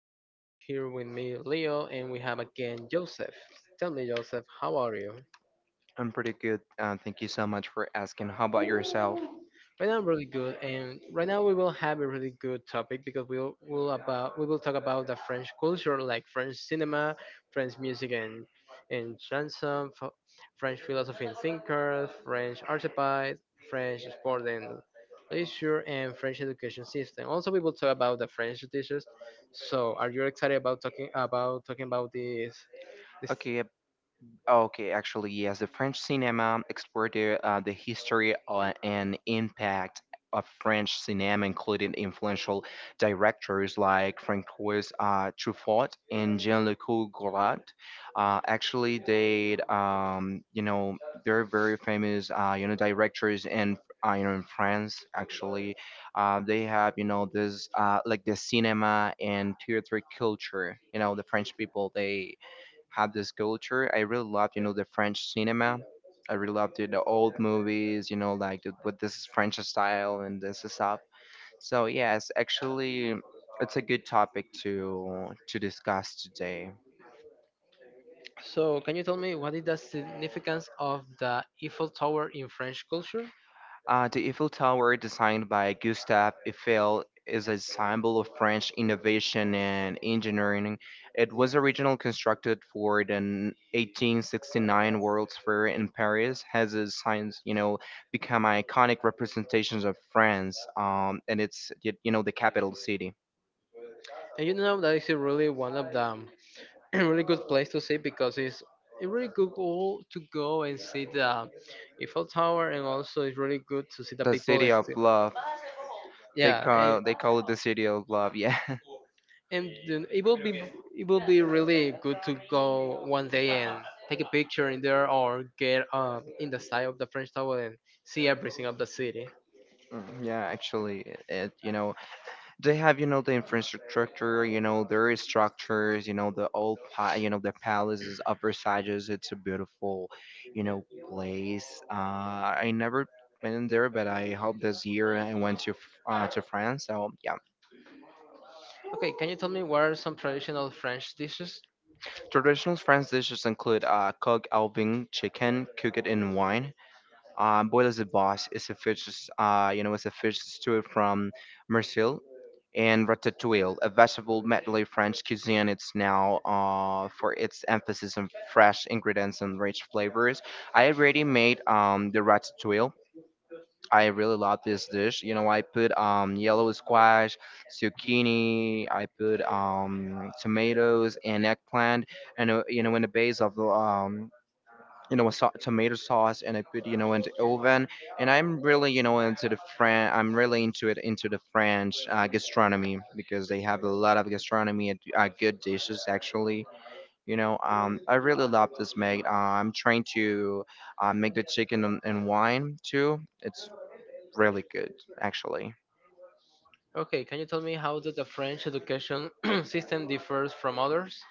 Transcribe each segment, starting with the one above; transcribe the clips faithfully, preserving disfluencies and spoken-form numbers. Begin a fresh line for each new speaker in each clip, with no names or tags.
Right now, we're here with me, Leo, and we have again Joseph. Tell me, Joseph, how are you?
I'm pretty good. Uh, thank you so much for asking. How about yourself?
Right now, I'm really good, and right now we will have a really good topic because we'll will about we will talk about the French culture, like French cinema, French music and and chanson, f- French philosophy and thinkers, French archetypes, French sport and leisure, and French education system. Also, we will talk about the French teachers. So, are you excited about talking about talking about this? this?
Okay, Oh, Okay, actually, yes, the French cinema explored the, uh, the history uh, and impact of French cinema, including influential directors like Francois uh, Truffaut and Jean-Luc Godard. Uh, actually, they, um, you know, They're very famous, uh, you know, directors in, uh, you know, in France. Actually, uh, they have, you know, this uh, like the cinema and theater culture. You know, the French people they have this culture. I really loved, you know, the French cinema. I really loved it, the old movies, you know, like the, with this French style and this stuff. So yes, actually, it's a good topic to to discuss today.
So, can you tell me what is the significance of the Eiffel Tower in French culture?
Uh, the Eiffel Tower, designed by Gustave Eiffel, is a symbol of French innovation and engineering. It was originally constructed for the eighteen sixty-nine World's Fair in Paris. Has its signs, you know, become iconic representations of France, um, and it's y- you know, the capital city,
And you know that is a really one of the really good place to see because it's a really good goal to go and see the Eiffel Tower, and also it's really good to see the
the
people.
city
is-
of love. They
Yeah, and,
call they call it the city of love. Yeah,
and then it will be it will be really good to go one day and take a picture in there or get um, in the side of the French Tower and see everything of the city.
Mm, yeah. Actually, it, you know, they have, you know, the infrastructure, you know, there is structures, you know, the old pa- you know, the palaces of Versailles. It's a beautiful, you know, place. uh I never been there, but I hope this year I went to f- uh, to France. So yeah.
Okay, can you tell me what are some traditional French dishes?
Traditional French dishes include uh coq au vin, chicken cooked in wine. Um, Boiles de boss is a fish, uh, you know, is a fish stew from Marseille, and ratatouille, a vegetable medley French cuisine. It's now uh, for its emphasis on fresh ingredients and rich flavors. I already made um, the ratatouille. I really love this dish. You know, I put um, yellow squash, zucchini. I put um, tomatoes and eggplant, and uh, you know, in the base of um, you know, a so- tomato sauce, and I put, you know, in the oven. And I'm really, you know, into the Fran. I'm really into it, into the French uh, gastronomy because they have a lot of gastronomy and uh, good dishes, actually. You know, um, I really love this, Meg. Uh, I'm trying to uh, make the chicken and, and wine too. It's really good, actually.
Okay, can you tell me how does the French education system differs from others?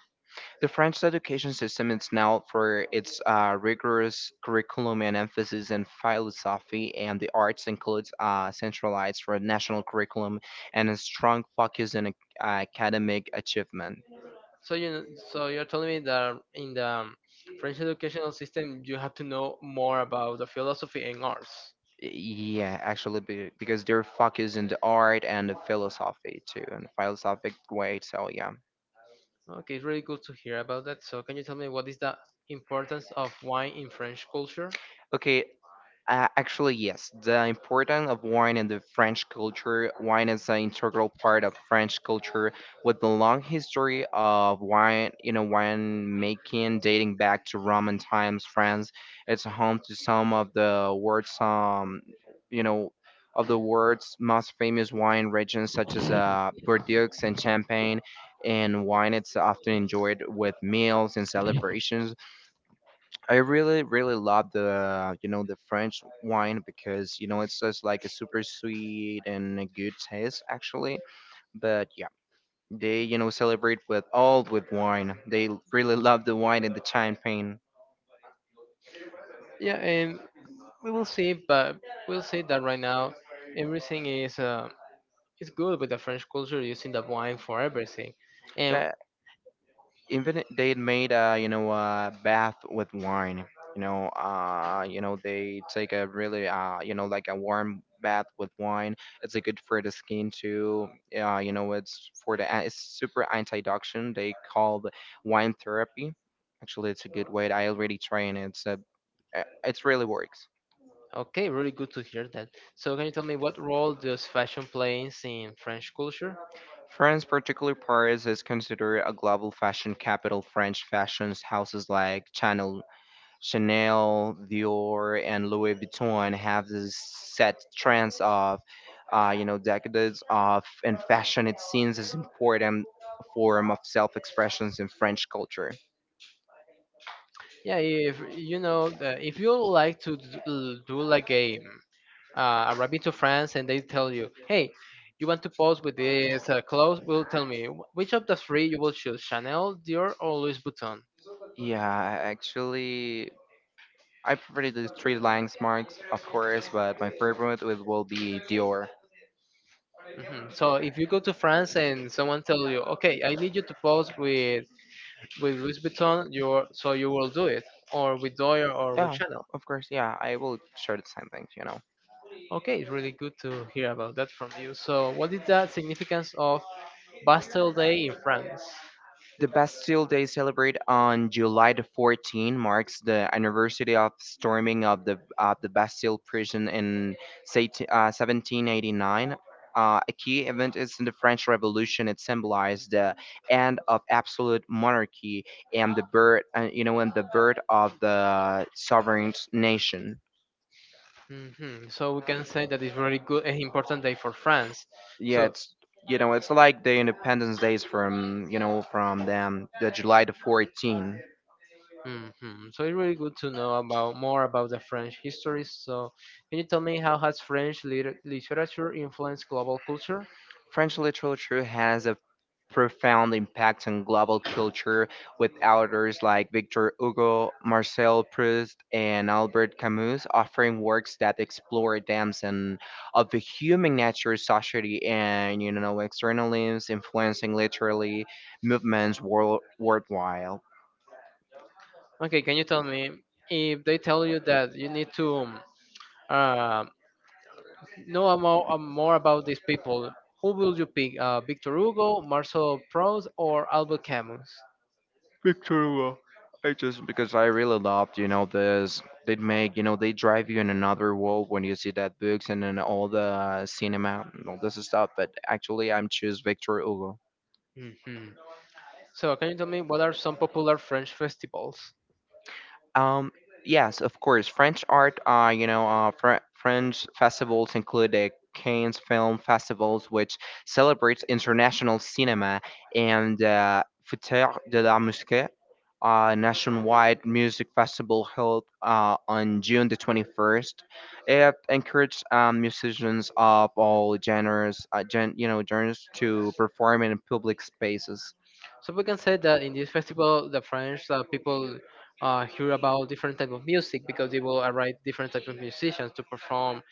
The French education system is known for its uh, rigorous curriculum and emphasis in philosophy and the arts, includes uh, centralized for national curriculum and a strong focus on ac- academic achievement.
So you, so you're telling me that in the um, French educational system, you have to know more about the philosophy and arts.
Yeah, actually, be- because they're focused in the art and the philosophy too, in a philosophic way. So yeah.
Okay, it's really good to hear about that. So can you tell me what is the importance of wine in French culture?
Okay, Uh, actually, yes. The importance of wine in the French culture. Wine is an integral part of French culture with the long history of wine, you know, wine making dating back to Roman times. France, it's home to some of the world's, um, you know, of the world's most famous wine regions, such as uh, Bordeaux and Champagne. And wine, it's often enjoyed with meals and celebrations. I really, really love the, you know, the French wine because, you know, it's just like a super sweet and a good taste, actually. But yeah, they, you know, celebrate with all with wine. They really love the wine and the champagne.
Yeah, and we will see, but we'll see that right now, everything is uh, is good with the French culture using the wine for everything. And
Yeah, even they had made a, you know, a bath with wine, you know. Uh you know, they take a really, uh you know, like a warm bath with wine. It's a good for the skin too. Uh you know, it's for the a- it's super antioxidant. They call the wine therapy. Actually, it's a good way. I already trying it. It's a uh, it's really works.
okay, really good to hear that. So can you tell me what role does fashion plays in French culture?
France, particularly Paris, is considered a global fashion capital. French fashion's houses like Chanel, Chanel, Dior, and Louis Vuitton have this set trends of, uh, you know, decades of, and fashion it seems is important form of self-expressions in French culture.
Yeah, if you know that if you like to d- l- do like a mm, uh, a rabbit to France and they tell you, hey, you want to pose with this uh, clothes, will tell me, "Wh- which of the three you will choose, Chanel, Dior, or Louis Vuitton?"
Yeah, actually, I prefer the three landmarks, of course, but my favorite will will be Dior.
Mhm. So if you go to France and someone tell you, okay, I need you to pose with with Louis Vuitton, your so you will do it, or with Dior or with
Yeah,
Chanel.
of course. Yeah, I will share the same things, you know.
Okay, it's really good to hear about that from you. So what is the significance of Bastille Day in France?
The Bastille Day celebrate on July the fourteen marks the anniversary of storming of the of the Bastille prison in say, uh, seventeen eighty-nine. Uh, a key event is in the French Revolution. It symbolized the end of absolute monarchy and the birth, uh, you know, and the birth of the sovereign nation.
Hmm. So we can say that it's really good an important day for France.
Yeah,
So,
it's, you know, it's like the Independence Days from, you know, from them, the July the fourteenth.
hmm, so it's really good to know about more about the French history. So, can you tell me how has French liter- literature influenced global culture?
French literature has a profound impact on global culture with authors like Victor Hugo, Marcel Proust, and Albert Camus offering works that explore depths and of the human nature, society, and, you know, external limbs influencing literary movements world worldwide.
Okay, can you tell me if they tell you that you need to um, uh, know more, more about these people? Who will you pick? Uh, Victor Hugo, Marcel Proust, or Albert Camus?
Shows because I really loved, you know, this. They make, you know, they drive you in another world when you see that books and then all the cinema and all this stuff. But actually, I'm choose Victor Hugo.
Hmm. So, can you tell me what are some popular French festivals?
Um, yes, of course. French art, uh, you know, uh, Fr- French festivals include the Cannes Film Festivals, which celebrates international cinema, and uh, Fête de la Musique, a nationwide music festival held uh, on June the twenty-first. It encourages um, musicians of all genres, uh, gen- you know, genres to perform in public spaces.
So we can say that in this festival, the French uh, people uh, hear about different type of music because they will arrive different type of musicians to perform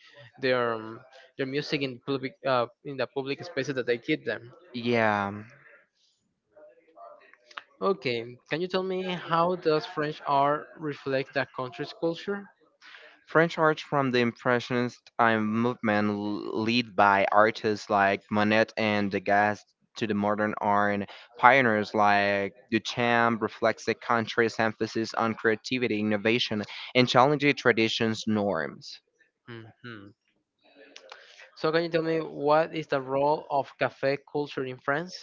their um, their music in public uh, in the public spaces that they give them.
Yeah.
Okay, can you tell me how does French art reflect that country's culture?
French art, from the Impressionist um, movement, l- led by artists like Monet and Degas, to the modern art pioneers like Duchamp, reflects the country's emphasis on creativity, innovation, and challenging traditions norms.
Hmm. So can you tell me what is the role of cafe culture in France?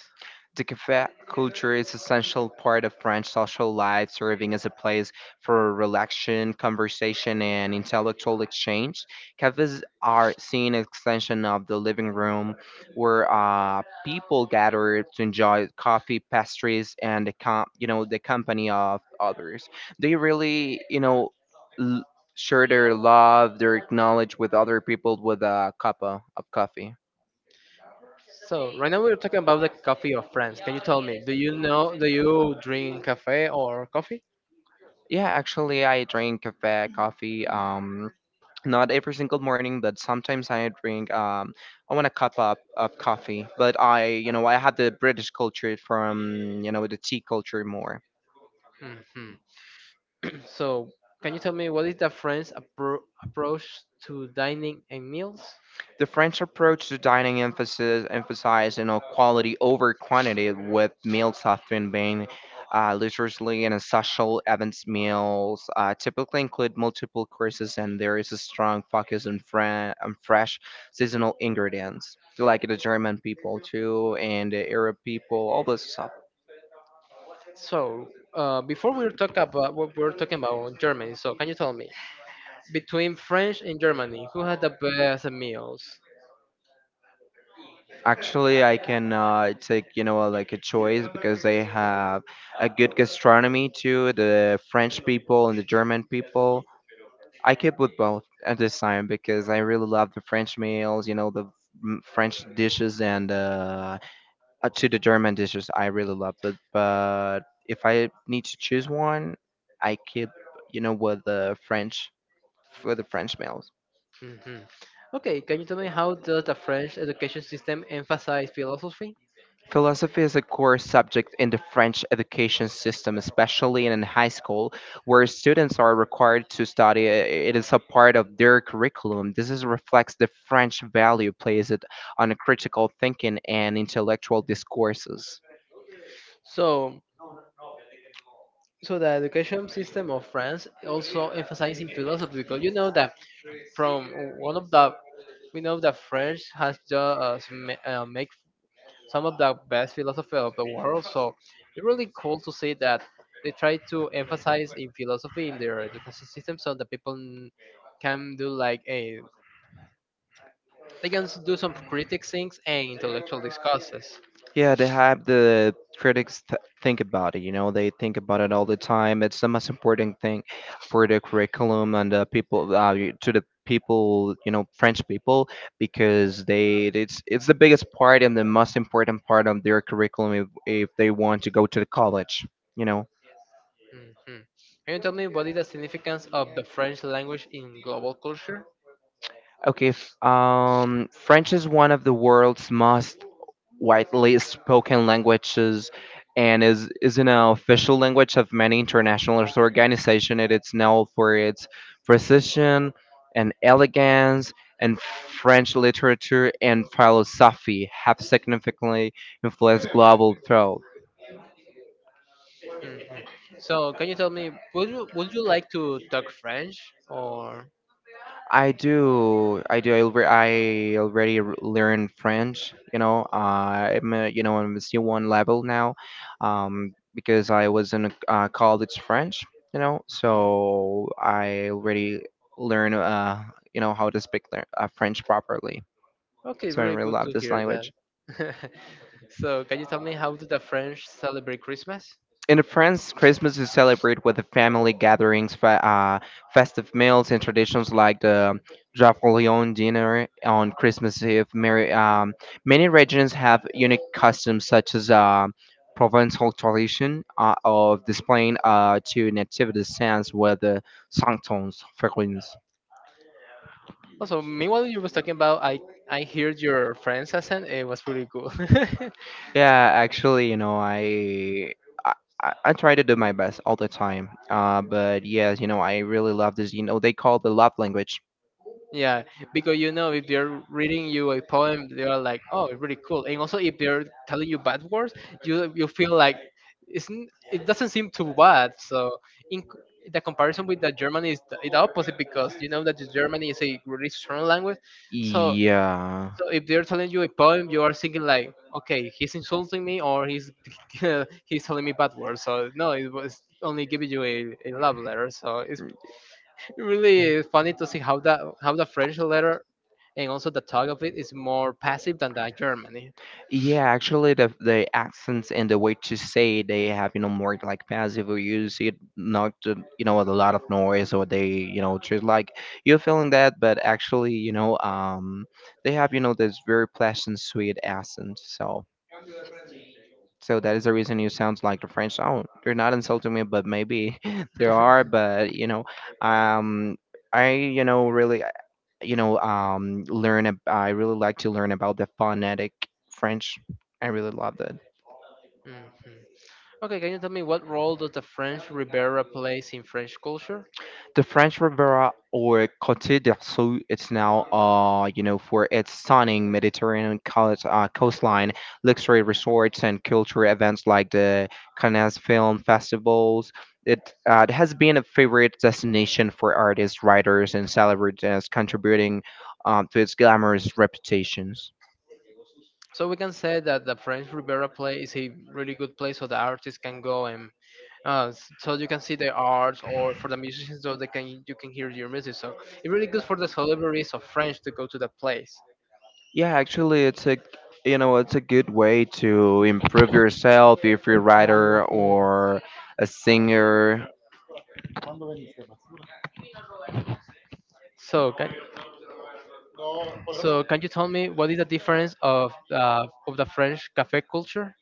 The café culture is essential part of French social life, serving as a place for relaxation, conversation, and intellectual exchange. Cafes are seen as extension of the living room, where uh, people gather to enjoy coffee, pastries, and the com- you know, the company of others. They really, you know, l- share their love, their knowledge with other people with a cup of of coffee.
So right now we're talking about the coffee of France. Can you tell me? Do you know? Do you drink cafe or coffee?
Yeah, actually, I drink café coffee. Um, not every single morning, but sometimes I drink. um I want a cup up of coffee, but I, you know, I had the british culture from, you know, the tea culture more.
Mhm. So, can you tell me what is the French appro- approach to dining and meals?
The french approach to dining emphasis emphasize, you know, quality over quantity, with meals often being uh, leisurely and social events. Meals uh, typically include multiple courses and there is a strong focus on, fre- on fresh seasonal ingredients, like the german people too and the arab people, all this stuff.
So, uh, before we talk about what we're talking about Germany, so can you tell me between French and Germany, who had the best meals?
Actually, I can uh, take, you know, like a choice because they have a good gastronomy too, the French people and the German people. I keep with both at this time because I really love the French meals, you know, the mm, French dishes and uh, uh, to the German dishes. I really love it. But if I need to choose one, I keep, you know, with the French for the French meals.
Hmm. Okay, can you tell me how does the French education system emphasize philosophy?
Philosophy is a core subject in the French education system, especially in high school, where students are required to study. It is a part of their curriculum. This is, reflects the French value placed on critical thinking and intellectual discourses.
So, so the education system of France also emphasizing philosophy because you know that from one of the we know that French has just uh, ma- uh, make some of the best philosophy of the world. So it's really cool to see that they try to emphasize in philosophy in their education system, so that people n- can do like a they can s- do some critic things and intellectual discusses.
Yeah, they have the critics th- think about it. You know, they think about it all the time. It's the most important thing for the curriculum and the people, uh, y- to the people. You know, French people, because they it's it's the biggest part and the most important part of their curriculum, if, if they want to go to the college. You know.
Mhm. Can you tell me what is the significance of the French language in global culture?
Okay. f- Um, French is one of the world's most widely spoken languages and is is an official language of many international organizations. It is known for its precision and elegance, and French literature and philosophy have significantly influenced global thought.
Mm. So, can you tell me, would you would you like to talk French or?
I do, I do. I, alre- I already r- learn French. You know, uh, I'm, uh, you know, I'm a C one level now, um, because I was in a, uh, college French. You know, so I already learn, uh, you know, how to speak le- uh, French properly.
Okay,
So I
really
really
good
love
to
this
hear
language.
that. So, can you tell me how do the French celebrate Christmas?
In France, Christmas is celebrated with the family gatherings, fe- uh, festive meals, and traditions like the Jaffolion dinner on Christmas Eve. Mary, um, many regions have unique customs, such as uh, Provençal tradition uh, of displaying uh, two nativity stands with the sanctons, figurines.
Also, meanwhile you was talking about, I I heard your French accent. It was pretty cool.
Yeah, actually, you know, I I, I I try to do my best all the time. Uh, but yes, you know, I really love this. You know, they call the love language.
Yeah, because you know if they're reading you a poem, they are like, "Oh, really cool." And also, if they're telling you bad words, you you feel like it's n- it doesn't seem too bad. So in c- the comparison with the German is the, is the opposite because you know that the German is a really strong language. So
Yeah.
so if they're telling you a poem, you are thinking like, "Okay, he's insulting me or he's he's telling me bad words." So no, it was only giving you a, a love letter. So it's really funny to see how that how the French letter and also the talk of it is more passive than the Germany.
Yeah, actually, the the accents and the way to say, they have, you know, more like passive or use it, not to, you know, with a lot of noise, or they, you know, just like you're feeling that, but actually, you know, um they have, you know, this very pleasant sweet accent. So so that is the reason you sound like the French. Oh, they're not insulting me, but maybe there are. But you know um I you know really you know um learn ab- I really like to learn about the phonetic french. I really love that.
Mhm. Okay, can you tell me what role does the French Riviera plays in French culture?
The french riviera or cote d'azur, it's now uh you know for its stunning mediterranean coast, uh, coastline luxury resorts and cultural events like the cannes film festivals. It, uh, it has been a favorite destination for artists, writers and celebrities, contributing um, to its glamorous reputations.
So we can say that the French Riviera play is a really good place so the artists can go and uh, s- so you can see their art or for the musicians so they can you can hear your music. So it's really good for the celebrities of French to go to the place.
Yeah, actually, it's a, you know it's a good way to improve yourself if you're a writer or a singer.
So can so can you tell me what is the difference of uh, of the French cafe culture?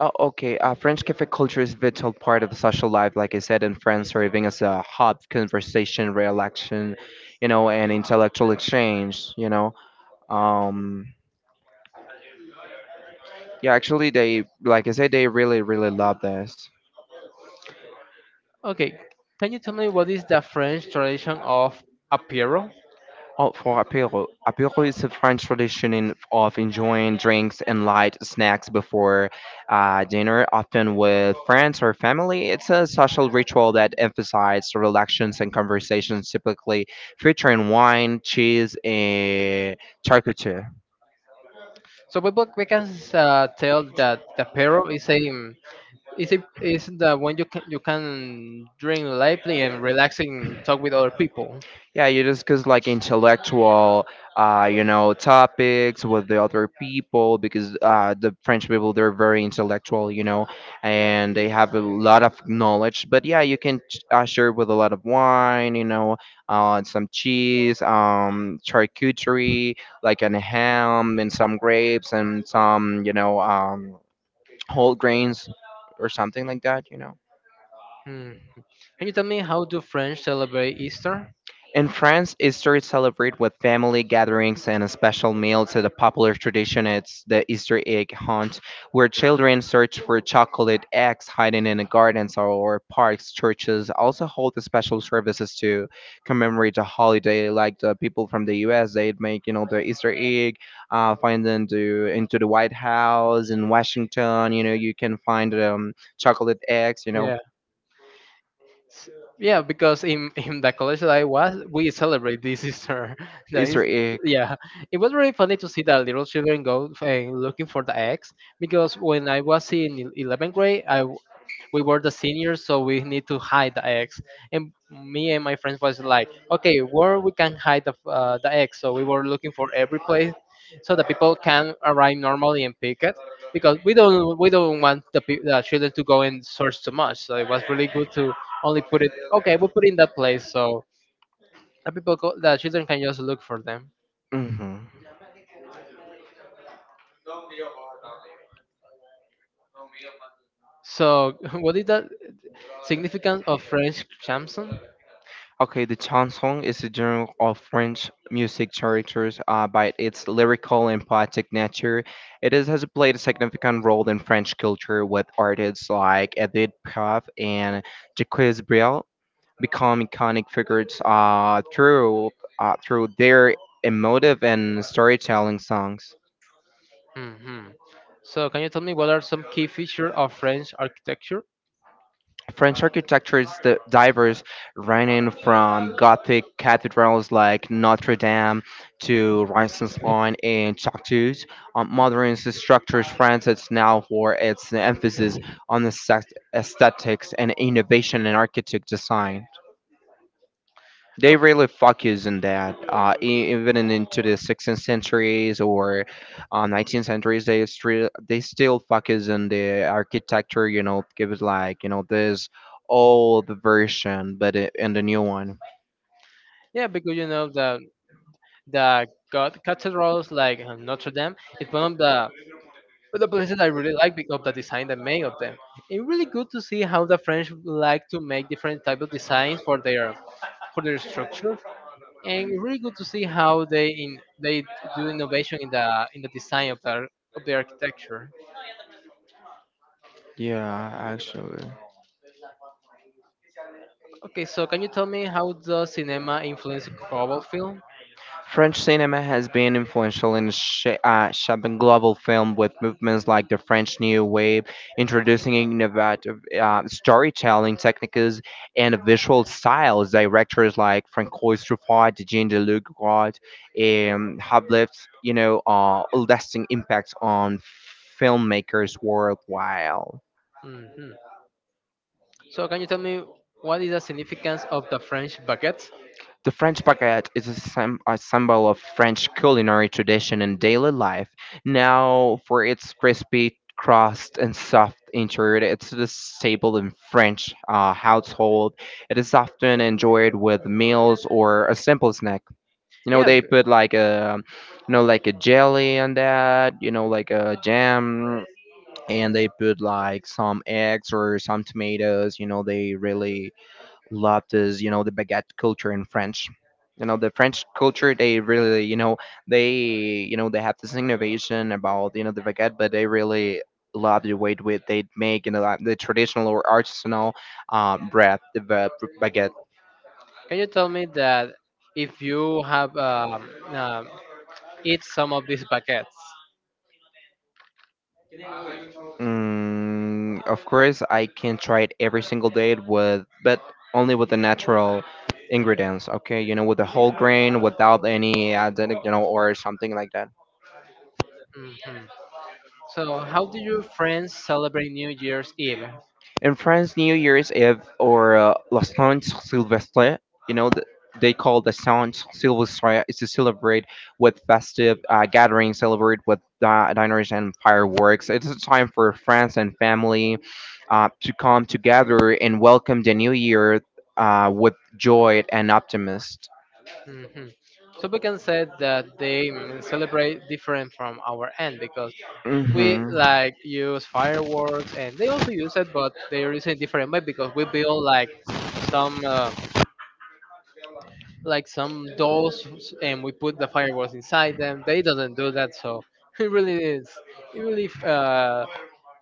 Oh, okay. Uh, French cafe culture is a vital part of the social life, like I said, in France, serving as a hub, conversation, relaxation, you know, and intellectual exchange. You know, um, yeah, actually, they, like I said, they really, really love this.
Okay, can you tell me what is the French tradition of apéro?
Oh, for apéro. Apéro is a French tradition in, of enjoying drinks and light snacks before uh, dinner, often with friends or family. It's a social ritual that emphasizes relaxations and conversations, typically featuring wine, cheese, and charcuterie.
So we, both- we can uh, tell that the apéro is a is a, is the one you can you can drink lightly and relaxing talk with other people.
Yeah, you discuss like intellectual, uh, you know, topics with the other people because uh, the French people, they're very intellectual, you know, and they have a lot of knowledge. But yeah, you can ch- uh, share with a lot of wine, you know, uh, some cheese, um, charcuterie, like an ham and some grapes and some, you know, um, whole grains or something like that, you know.
Hmm. Can you tell me how do French celebrate Easter?
In France, Easter is celebrated with family gatherings and a special meal. To the popular tradition, it's the Easter egg hunt, where children search for chocolate eggs hiding in the gardens or parks. Churches also hold the special services to commemorate the holiday, like the people from the U S, they'd make, you know, the Easter egg, uh, find them to, into the White House in Washington. You know, you can find um, chocolate eggs, you know,
S- Yeah, because in, in the college that I was, we celebrate this Easter. That is,
Easter egg.
yeah, it was really funny to see the little children go and looking for the eggs because when I was in el- eleventh grade, I we were the seniors, so we need to hide the eggs. And me and my friends was like, okay, where we can hide the, uh, the eggs? So we were looking for every place, so the people can arrive normally and pick it. Because we don't we don't want the, pe- the children to go and search too much, so it was really good to only put it. Okay, we put it in that place, so the people go, the children can just look for them.
hmm
So what is the significance of French chanson?
Okay, the chanson is a genre of French music characters, uh, by its lyrical and poetic nature. It is, has played a significant role in French culture, with artists like Edith Piaf and Jacques Brel become iconic figures uh, through uh, through their emotive and storytelling songs.
Hmm. So, can you tell me what are some key features of French architecture?
French architecture is the diverse, ranging from Gothic cathedrals like Notre Dame to Renaissance line and Châteaus. On modern structures, France is now for its emphasis on the sect- aesthetics and innovation in architect design. They really focus on that, uh, e- even in, into the sixteenth centuries or uh, nineteenth centuries. They still they still focus on the architecture, you know give it like, you know this old version, but it, and the new one.
Yeah, because you know the the god cathedrals like uh, Notre Dame is one of the one of the places I really like because of the design they make of them. It's really good to see how the French like to make different type of designs for their for their structure, and it's really good to see how they in they do innovation in the in the design of their of the architecture.
Yeah, actually,
Okay, so can you tell me how the cinema influence global film?
French cinema has been influential in sha- uh, shaping global film with movements like the French New Wave, introducing innovative uh, storytelling techniques and visual styles. Directors like Francois Truffaut, Jean Luc Godard, um, have left, you know uh, lasting impacts on filmmakers worldwide.
Hmm. So can you tell me what is the significance of the French baguette?
The French baguette is a, sym- a symbol of French culinary tradition and daily life. Now, for its crispy crust and soft interior, it's the staple in French uh, household. It is often enjoyed with meals or a simple snack. You know,
Yeah,
they
b-
put like a, you know, like a jelly on that. You know, like a jam, and they put like some eggs or some tomatoes. You know, they really loved is, you know the baguette culture in French. You know the French culture, they really, you know they you know they have this innovation about, you know the baguette, but they really love the way with they make, you know like, the traditional or artisanal uh, bread, the ba- baguette.
can you tell me that if you have um, um, eat some of these baguettes?
Mm, of course, I can try it every single day with, but only with the natural ingredients. Okay, you know, with the whole grain, without any added, you know, or something like that.
Hmm. So how do your friends celebrate New Year's Eve?
In France, New Year's Eve or uh, La Saint Sylvestre, you know, th- they call the Saint Sylvestre, is to celebrate with festive uh, gatherings, celebrate with uh, diners and fireworks. It's a time for friends and family uh, to come together and welcome the new year uh, with joy and optimism.
Hmm. So we can say that they mm, celebrate different from our end because we
hmm
like use fireworks and they also use it but they use it in different way because we build like some uh, like some dolls and we put the fireworks inside them they doesn't do that so it really is it really uh,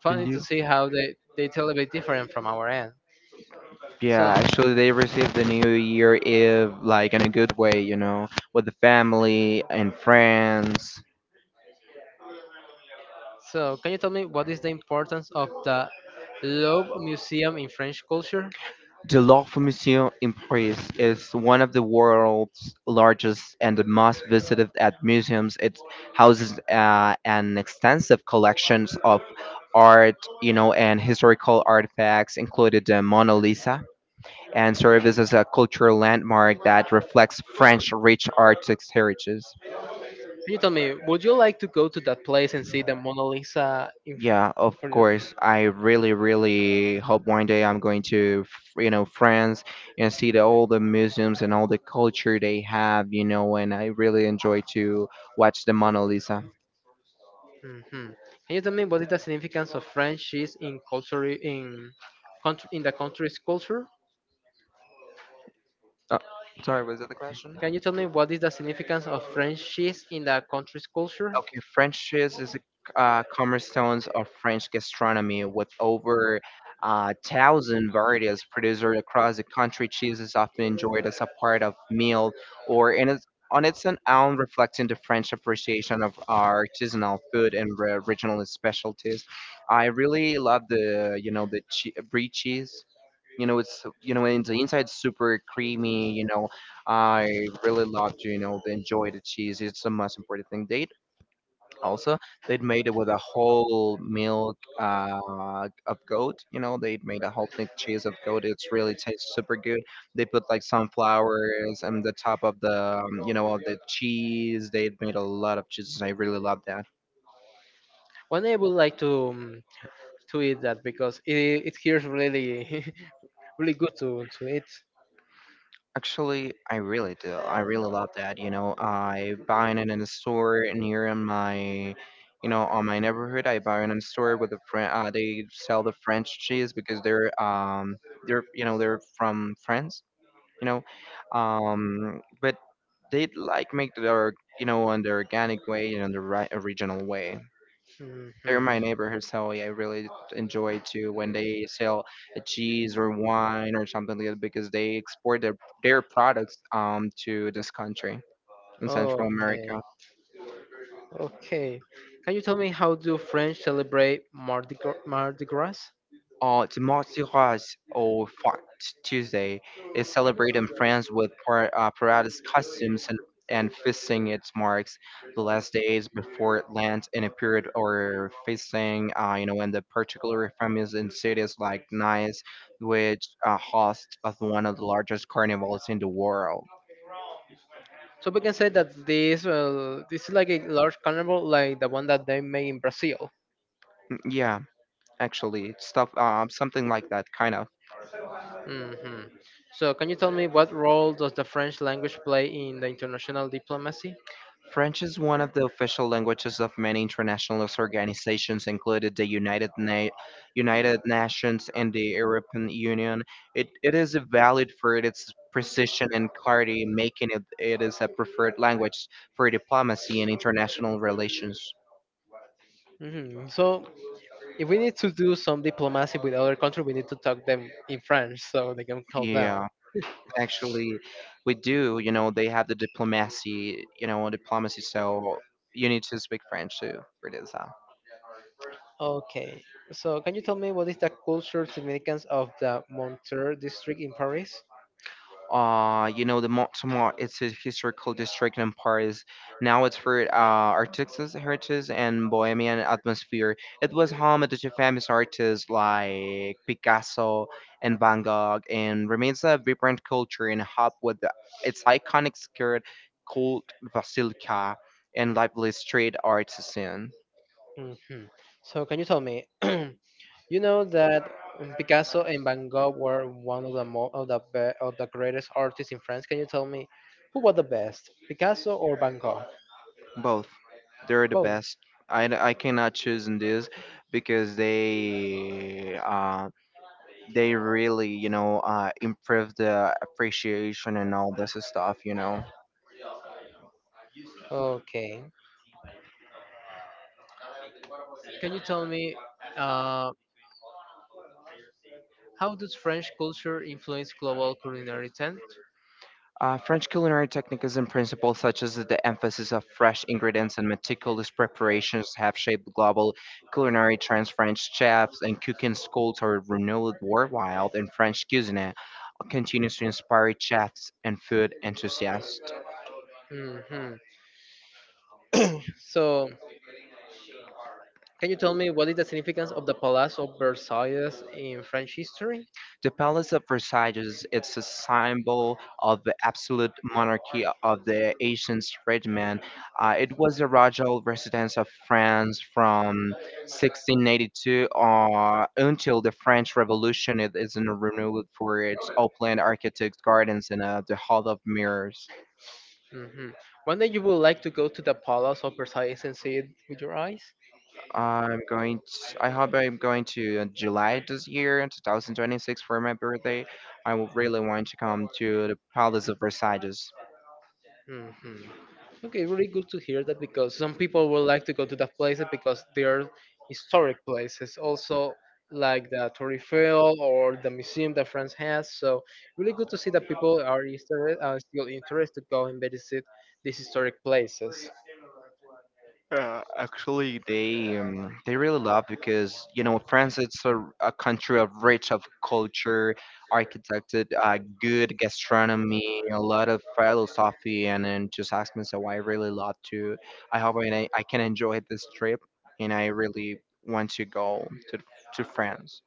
funny to see how they they tell a bit different from our end
Yeah,
so
actually, they receive the New Year Eve like in a good way, you know, with the family and friends.
so can you tell me what is the importance of the Louvre Museum in French culture?
The Louvre Museum in Paris is one of the world's largest and the most visited at museums. It houses uh, an extensive collections of art, you know, and historical artifacts, including the Mona Lisa, and serves as a cultural landmark that reflects French rich artistic heritage.
Can you tell me, would you like to go to that place and see the Mona Lisa in, f-
Yeah, of
for you?
course. I really, really hope one day I'm going to, f- you know, France and see the, all the museums and all the culture they have, you know, and I really enjoy to watch the Mona Lisa.
Mhm. Can you tell me what is the significance of French cheese in culture in country, in the country's culture?
Oh, sorry, was that the question?
Can you tell me what is the significance of French cheese in the country's culture?
Okay, French cheese is a uh, cornerstone of French gastronomy, with over uh, thousand varieties produced across the country. Cheese is often enjoyed as a part of meal or in its, on its own, reflecting the French appreciation of our artisanal food and re- regional specialties. I really love the, you know the che- brie cheese. You know it's, you know in the inside super creamy. You know I really love to, you know the enjoy the cheese. It's the most important thing. They also they'd made it with a whole milk uh, of goat. you know they made a whole thick cheese of goat, it's really tastes super good. They put like sunflowers on the top of the, um, you know of the cheese. They made a lot of cheeses, I really love that.
One day I would like to um, to eat that because it it hears really really good to to eat.
Actually, I really do. I really love that. You know, I buy it in a store near in my, you know, on my neighborhood. I buy it in a store with a friend. Uh, they sell the French cheese because they're, um they're you know they're from France, you know um but they like make their, you know on the organic way and on the right original way.
Mhm.
They're my neighborhood, so yeah, I really enjoy too when they sell a cheese or wine or something like that, because they export their, their products um to this country in central
Okay,
america.
okay. Can you tell me how do French celebrate Mardi Gras? Mardi Gras?
Uh, Timothy Ross or Fat Tuesday is celebrated in France with par- uh, paradise costumes and, and feasting. It marks the last days before it lands in a period or feasting, uh, you know, in the particular families in cities like Nice, which uh, hosts of one of the largest carnivals in the world.
So we can say that this uh, this is like a large carnival, like the one that they make in Brazil.
Mm, yeah, actually, stuff, uh, something like that, kind of.
Hmm. So can you tell me what role does the French language play in the international diplomacy?
French is one of the official languages of many international organizations, including the United, Na- United Nations and the European Union. It, it is valued for its precision and clarity, making it, it is a preferred language for diplomacy and international relations.
Hmm. So if we need to do some diplomacy with other country, we need to talk them in French so they can calm down.
Yeah, actually, we do. You know, they have the diplomacy, you know, diplomacy, so you need to speak French too for this. uh,
Okay. So can you tell me what is the cultural significance of the Montreux district in Paris?
uh you know the Montmartre, it's a historical district in Paris. Now it's for uh artistic heritage and bohemian atmosphere. It was home to famous artists like Picasso and Van Gogh, and remains a vibrant culture and hub with the, its iconic skirt called Basilica and lively street art scene.
Mhm. So can you tell me, you know that Picasso and Van Gogh were one of the mo- of the be- of the greatest artists in France. Can you tell me who was the best, Picasso or Van Gogh?
Both, they're the
Both.
best. I, I cannot choose in this, because they um they really, you know, uh, improve the appreciation and all this stuff, you know.
Okay. Can you tell me uh, how does French culture influence global culinary trend?
Uh, French culinary techniques and principles, such as the emphasis of fresh ingredients and meticulous preparations, have shaped global culinary trends. French chefs and cooking schools are renowned worldwide, and French cuisine continues to inspire chefs and food enthusiasts.
Hmm. So can you tell me what is the significance of the Palace of Versailles in French history?
The Palace of Versailles is it's a symbol of the absolute monarchy of the ancient regime. Uh, it was the royal residence of France from sixteen eighty-two uh, until the French Revolution. It is renewed for its open architect gardens and uh, the Hall of Mirrors.
Hmm. One day you would like to go to the Palace of Versailles and see it with your eyes?
I'm going to, I hope I'm going to uh, July this year, two thousand twenty-six, for my birthday. I would really want to come to the Palace of Versailles.
Hmm. Okay, really good to hear that because some people would like to go to the places because they are historic places, also like the Torre Eiffel or the museum that France has. So really good to see that people are, inter- are still interested to go and visit these historic places.
Italy, they um, they really love because, you know France, it's a, a country of rich of culture, architecture, uh, good gastronomy, a lot of philosophy, and then just ask me so I really love to. I hope I I can enjoy this trip, and I really want to go to to France.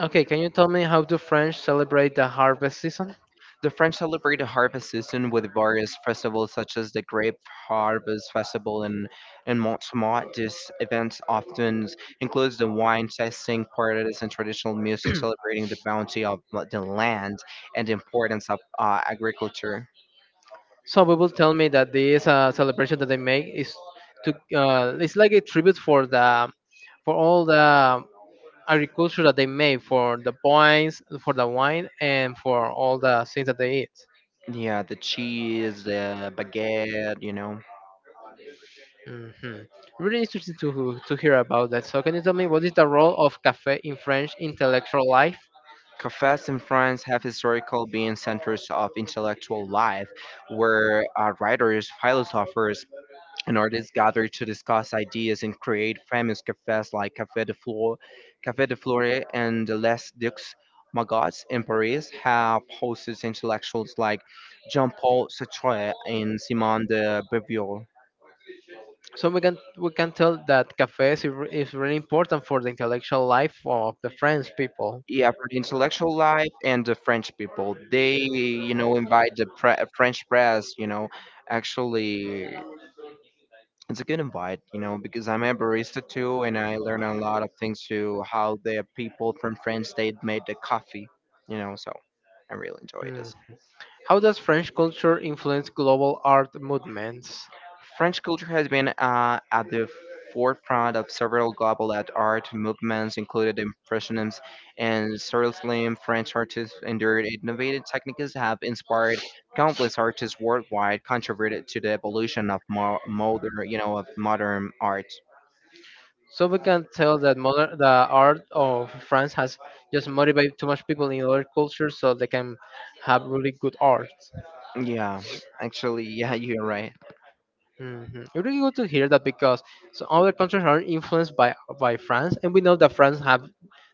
Okay, can you tell me how do French celebrate the harvest season?
The French celebrate the harvest season with various festivals such as the Grape Harvest Festival in, in Montmartre. This event often includes the wine tasting parties and traditional music celebrating the bounty of the land and the importance of uh, agriculture.
Some people tell me that this uh, celebration that they make is to uh, it's like a tribute for the for all the agriculture that they make for the wines, for the wine, and for all the things that they eat.
Yeah, the cheese, the baguette, you know.
Hmm. Really interesting to to hear about that. So can you tell me what is the role of cafe in French intellectual life?
Cafes in France have historically been centers of intellectual life, where uh, writers, philosophers, and artists gather to discuss ideas and create famous cafes like Café de Flore, Café de Flore and Les Deux Magots in Paris have hosted intellectuals like Jean-Paul Sartre and Simone de Beauvoir.
So we can we can tell that cafes is, re- is really important for the intellectual life of the French people.
Yeah, for the intellectual life and the French people, they you know invite the pre- French press, you know, actually. It's a good invite, you know, because I'm a barista too, and I learn a lot of things to how the people from France they made the coffee, you know. So I really enjoy
Mm.
this.
How does French culture influence global art movements?
French culture has been uh, at the forefront of several global at art movements, including the impressionists and Surrealism. French artists and their innovative techniques have inspired countless artists worldwide, contributed to the evolution of mo- modern, you know, of modern art.
So we can tell that modern, the art of France has just motivated too much people in other cultures so they can have really good art.
Yeah, actually, yeah, you're right.
Hmm. It really good to hear that because so other countries are influenced by by France, and we know that France have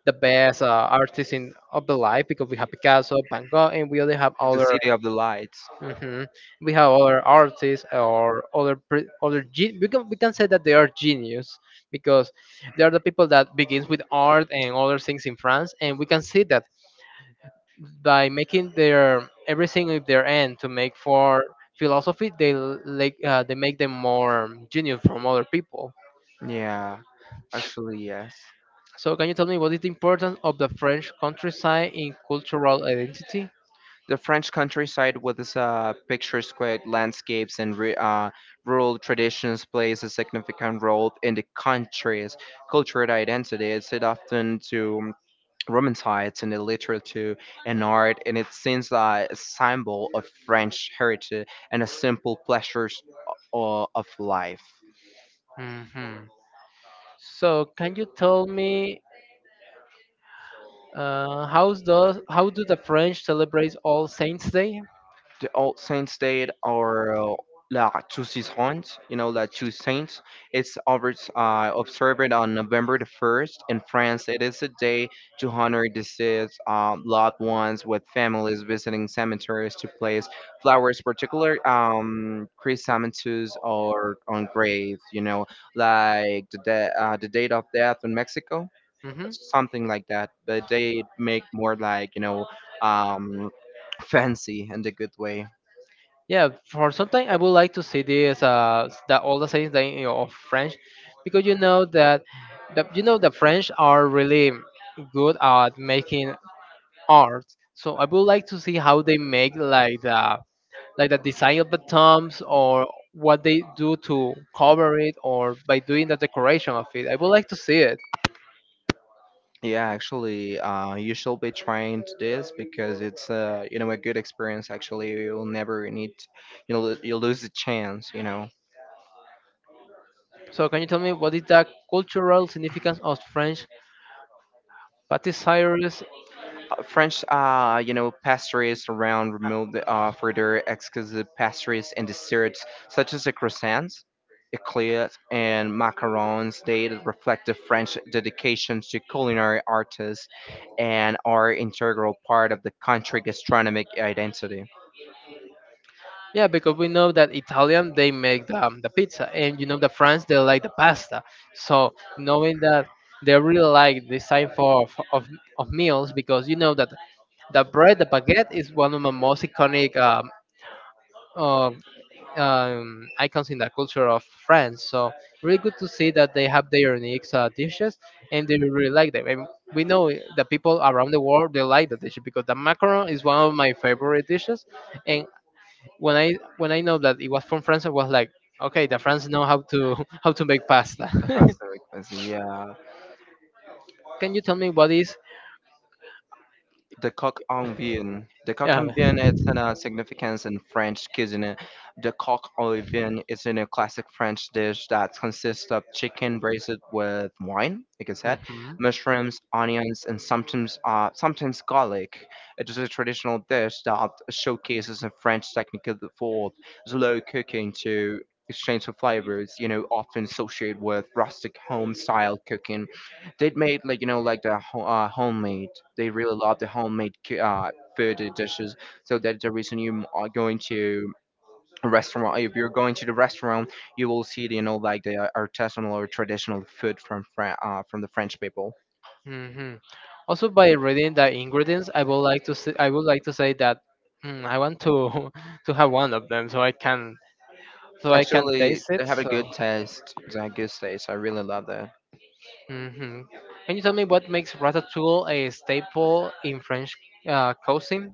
the best uh, artists in of the life because we have Picasso, Van Gogh, and we only have
The
other.
City of the Lights.
Hmm. We have other artists or other pre- other gen- we can we can say that they are genius because they are the people that begins with art and other things in France, and we can see that by making their everything with their end to make for philosophy they l- like uh, they make them more genius from other people.
Yeah, actually, yes.
So can you tell me what is the importance of the french countryside in cultural identity?
The French countryside with its uh, picturesque landscapes and ru- uh, rural traditions plays a significant role in the country's cultural identity. It's it often to romanticized in the literature and art, and it seems like a symbol of French heritage and a simple pleasures o- of life.
Hmm. So can you tell me uh, how does how do the french celebrate all saints day?
the old saint state or uh, La Toussaint, you know, La Toussaint. It's observed, uh, observed on November the first in France. It is a day to honor deceased uh, loved ones with families visiting cemeteries to place flowers, particular um, chrysanthemums or on graves, you know, like the, de- uh, the date of death in Mexico.
Hmm.
Something like that, but they make more like, you know, um, fancy in the good way.
Yeah, for some time I would like to see this uh s- the all the sayings that, you know, of French, because you know that the you know the French are really good at making art. So I would like to see how they make like the like the design of the tombs or what they do to cover it or by doing the decoration of it. I would like to see it.
Yeah, actually, uh, you should be trying to this because it's uh, you know a good experience. Actually, you'll never need, you know, you lose the chance. You know,
So can you tell me what is the cultural significance of French patisseries?
Uh, French, uh, you know, pastries around removed uh, further exquisite pastries and desserts such as the croissants, eclairs, and macarons. They reflect the French dedication to culinary artists and are integral part of the country gastronomic identity.
Yeah, because we know that Italian they make the, um, the pizza, and you know the France they like the pasta. So knowing that they really like this type of, of of meals, because you know that the bread, the baguette, is one of the most iconic um, uh, um, icons in the culture of France. So really good to see that they have their unique uh, dishes, and they really like them. And we know the people around the world they like the dish because the macaron is one of my favorite dishes, and when I when I know that it was from France, I was like, okay, the France know how to how to make pasta.
How so expensive? Yeah.
Can you tell me what is?
The coq en vin. The coq
Yeah.
en vin is an, uh, significance in French cuisine. The coq en vin is in a classic French dish that consists of chicken braised with wine, like I said,
Mhm,
mushrooms, onions, and sometimes uh, sometimes garlic. It is a traditional dish that showcases a French technique for slow cooking to exchange of flavors, you know, often associated with rustic home style cooking. They made like you know like the ho- uh, homemade. They really love the homemade cu- uh, food and dishes. So that's the reason you are going to a restaurant. If you're going to the restaurant, you will see you know like the artisanal or traditional food from Fran- uh, from the French people.
mhm. Also, by reading the ingredients, I would like to say, I would like to say that mm, I want to to have one of them so I can so I can
Actually,
taste
they
it.
have a good
So.
taste. They have good taste. I really love that.
Hmm. Can you tell me what makes ratatouille a staple in French uh, cuisine?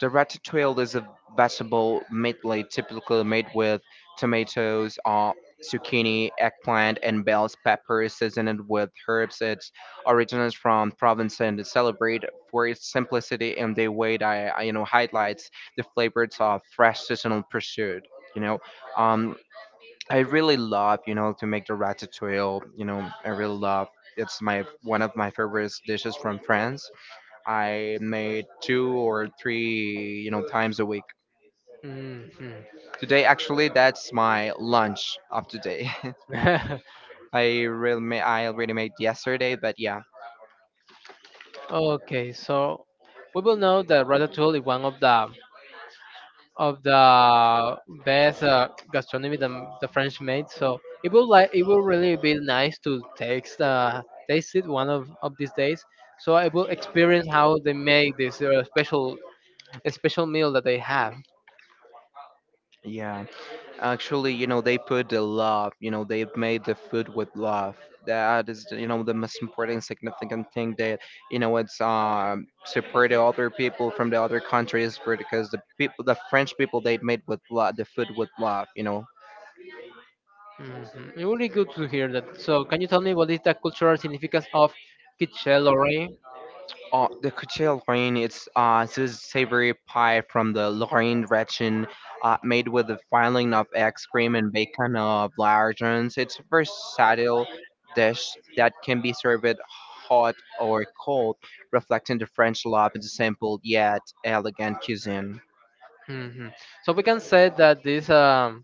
The ratatouille is a vegetable medley, typically made with tomatoes, uh, zucchini, eggplant, and bell pepper, seasoned with herbs. It originates from Provence and is celebrated for its simplicity and the way that uh, you know highlights the flavors of fresh seasonal pursuit. You know, um, I really love you know to make the ratatouille. You know, I really love. It's my one of my favorite dishes from France I made two or three, you know, times a week.
Hmm.
Today, actually, that's my lunch of today. I really, ma- I already made yesterday, but yeah,
Okay, so we will know that ratatouille is one of the of the best uh, gastronomy the, the French made. So it will like it will really be nice to taste uh, taste it one of, of these days. So I will experience how they make this uh, special a special meal that they have.
yeah. Actually, you know, they put the love. You know, they made the food with love. That is, the- you know, the most important, significant thing that you know it's um support the other people from the other countries because the people, the French people, they made with love the food with love. You know,
Mhm. It would be good to hear that. So, can you tell me what is the cultural significance of Kitchelore?
Uh, the Kuchel Lorraine, it's uh, it's a savory pie from the Lorraine region, uh, made with a filling of eggs, cream, and bacon of lardons. It's a versatile dish that can be served hot or cold, reflecting the French love and the simple yet elegant cuisine.
Hmm. So we can say that this um,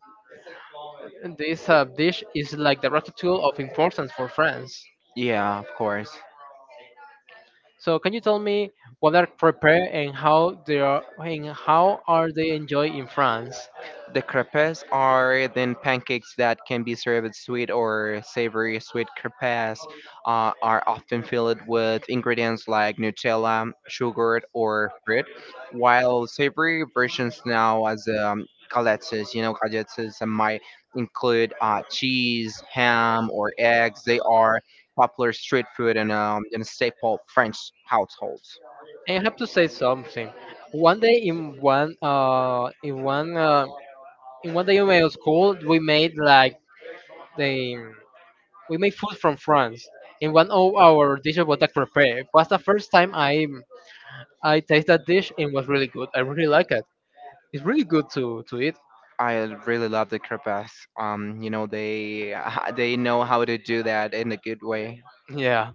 this uh, dish is like the ratatouille of importance for France.
Yeah, of course.
So can you tell me what are prepared and how they are and how are they enjoyed in France?
The crepes are then pancakes that can be served sweet or savory. Sweet crepes uh, are often filled with ingredients like Nutella, sugar, or fruit, while savory versions now as um, gallettes, you know, galettes, gallettes might include uh, cheese, ham, or eggs. They are popular street food and um, and staple French households.
And I have to say something. One day in one uh in one uh, in one day in my school we made like the we made food from France. In one of our dishes was like prepared. It was the first time I I tasted that dish and was really good. I really like it. It's really good to to eat.
I really love the Carpaths. Um, you know, they they know how to do that in a good way.
Yeah.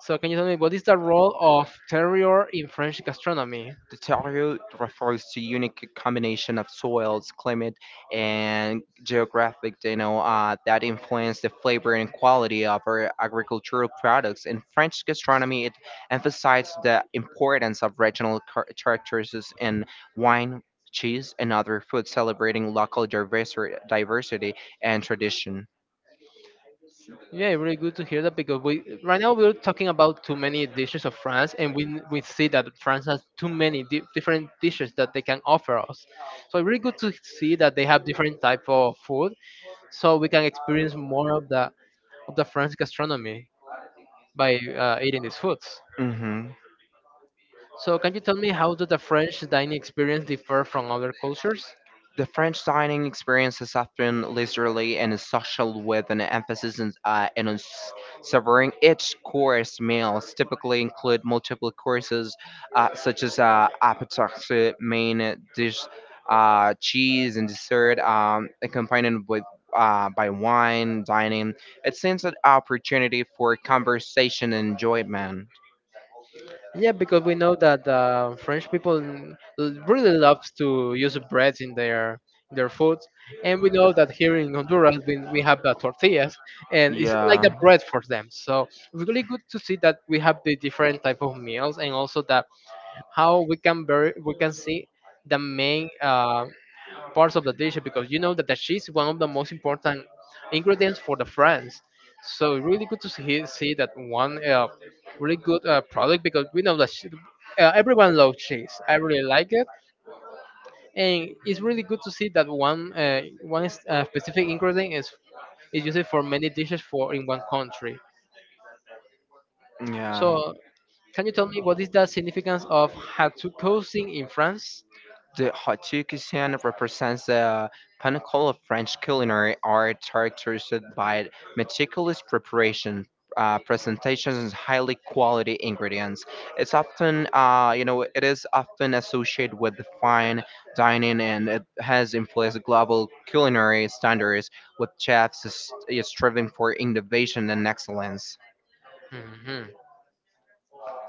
So can you tell me what is the role of terroir in French gastronomy?
The terroir refers to unique combination of soils, climate, and geographic, you know, uh, that influence the flavor and quality of our agricultural products. In French gastronomy, it emphasizes the importance of regional char- characteristics in wine, cheese, and other food, celebrating local diversi- diversity and tradition.
Yeah, really good to hear that because we right now we're talking about too many dishes of France, and we we see that France has too many di- different dishes that they can offer us. So really good to see that they have different type of food, so we can experience more of the of the French gastronomy by uh, eating these foods.
Hmm.
So, can you tell me how does the French dining experience differ from other cultures?
The French dining experience is often leisurely and is social, with an emphasis on, uh, and on s- savoring each course. Meals typically include multiple courses, uh, such as uh, appetizer, main dish, uh, cheese, and dessert, um, accompanied with uh, by wine. Dining it seems an opportunity for conversation and enjoyment.
Yeah, because we know that uh, French people n- l- really loves to use bread in their in their food, and we know that here in Honduras we, we have the tortillas, and it's like the
Yeah,
bread for them. So it's really good to see that we have the different type of meals, and also that how we can very we can see the main uh, parts of the dish because you know that the cheese is one of the most important ingredients for the France. So really good to see, see that one uh, really good uh, product because we know that she, uh, everyone loves cheese. I really like it, and it's really good to see that one uh, one is- uh, specific ingredient is is used for many dishes for in one country.
yeah.
So can you tell me what is the significance of hatu cuisine in France?
The haute cuisine represents the pinnacle of French culinary art, characterized by meticulous preparation, uh, presentations, and highly quality ingredients. It's often, uh, you know, it is often associated with the fine dining, and it has influenced global culinary standards, with chefs is- is striving for innovation and excellence.
Mhm.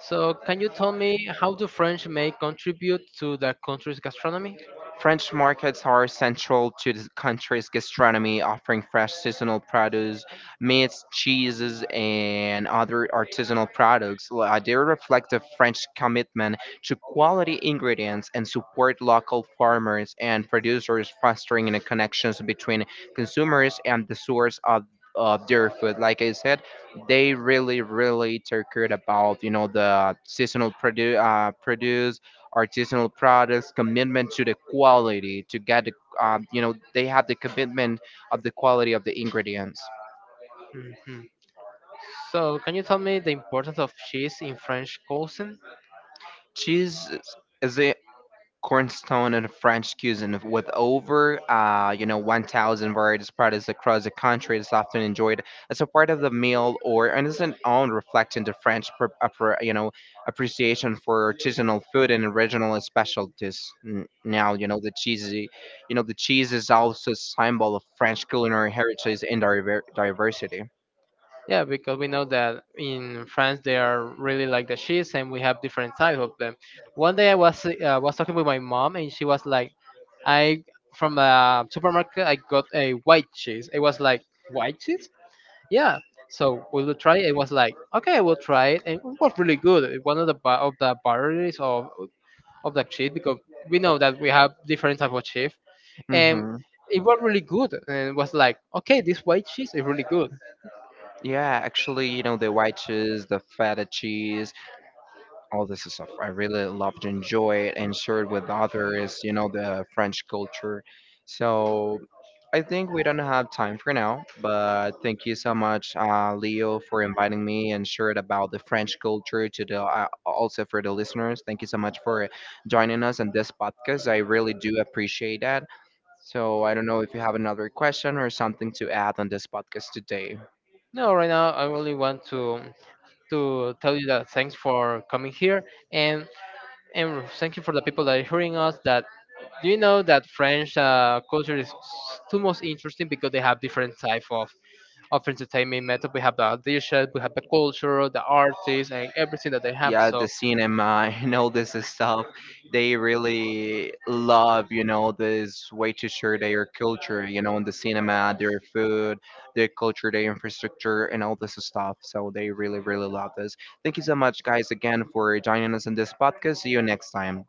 So, can you tell me how do French may contribute to the country's gastronomy?
French markets are central to the country's gastronomy, offering fresh seasonal produce, meats, cheeses, and other artisanal products. Li- uh, They reflect the French commitment to quality ingredients and support local farmers and producers, fostering the connections between consumers and the source of of their food. Like I said, they really really take care about you know the seasonal produ- uh, produce artisanal products, commitment to the quality to get the, um, you know, they have the commitment of the quality of the ingredients.
Mhm. So, can you tell me the importance of cheese in French cuisine?
Cheese is Cornstone and French cuisine, with over uh, you know one thousand varieties products across the country. is often enjoyed as a part of the meal or on an own, reflecting the French pr- appre- you know appreciation for artisanal food and regional specialties. N- Now you know the cheesy, you know the cheese is also a symbol of French culinary heritage and diver- diversity.
Yeah, because we know that in France they are really like the cheese, and we have different types of them. One day I was uh, was talking with my mom, and she was like, "I from a supermarket I got a white cheese." It was like white cheese. Yeah, so we will you try it. It was like okay we'll try it and it was really good. It- one of the ba- of the barriers of of the cheese because we know that we have different type of cheese and
Hmm.
it was really good and it was like okay this white cheese is really good.
Yeah, actually, you know the white cheese, the feta cheese, all this stuff. I really loved, enjoy it, and share it with others. You know the French culture. So I think we don't have time for now. But thank you so much, uh, Leo, for inviting me and shared about the French culture to the uh, also for the listeners. Thank you so much for joining us on this podcast. I really do appreciate that. So I don't know if you have another question or something to add on this podcast today.
No, right now I only want to to tell you that thanks for coming here and and thank you for the people that are hearing us that do you know that french uh, culture is s- too most interesting because they have different type of of entertainment method. We have the audition, we have the culture, the artists, and everything that they have.
Yeah, the
So
cinema and all this stuff. They really love you know this way to share their culture, you know in the cinema, their food, their culture, their infrastructure, and all this stuff. So they really really love this. Thank you so much, guys, again for joining us in this podcast. See you next time.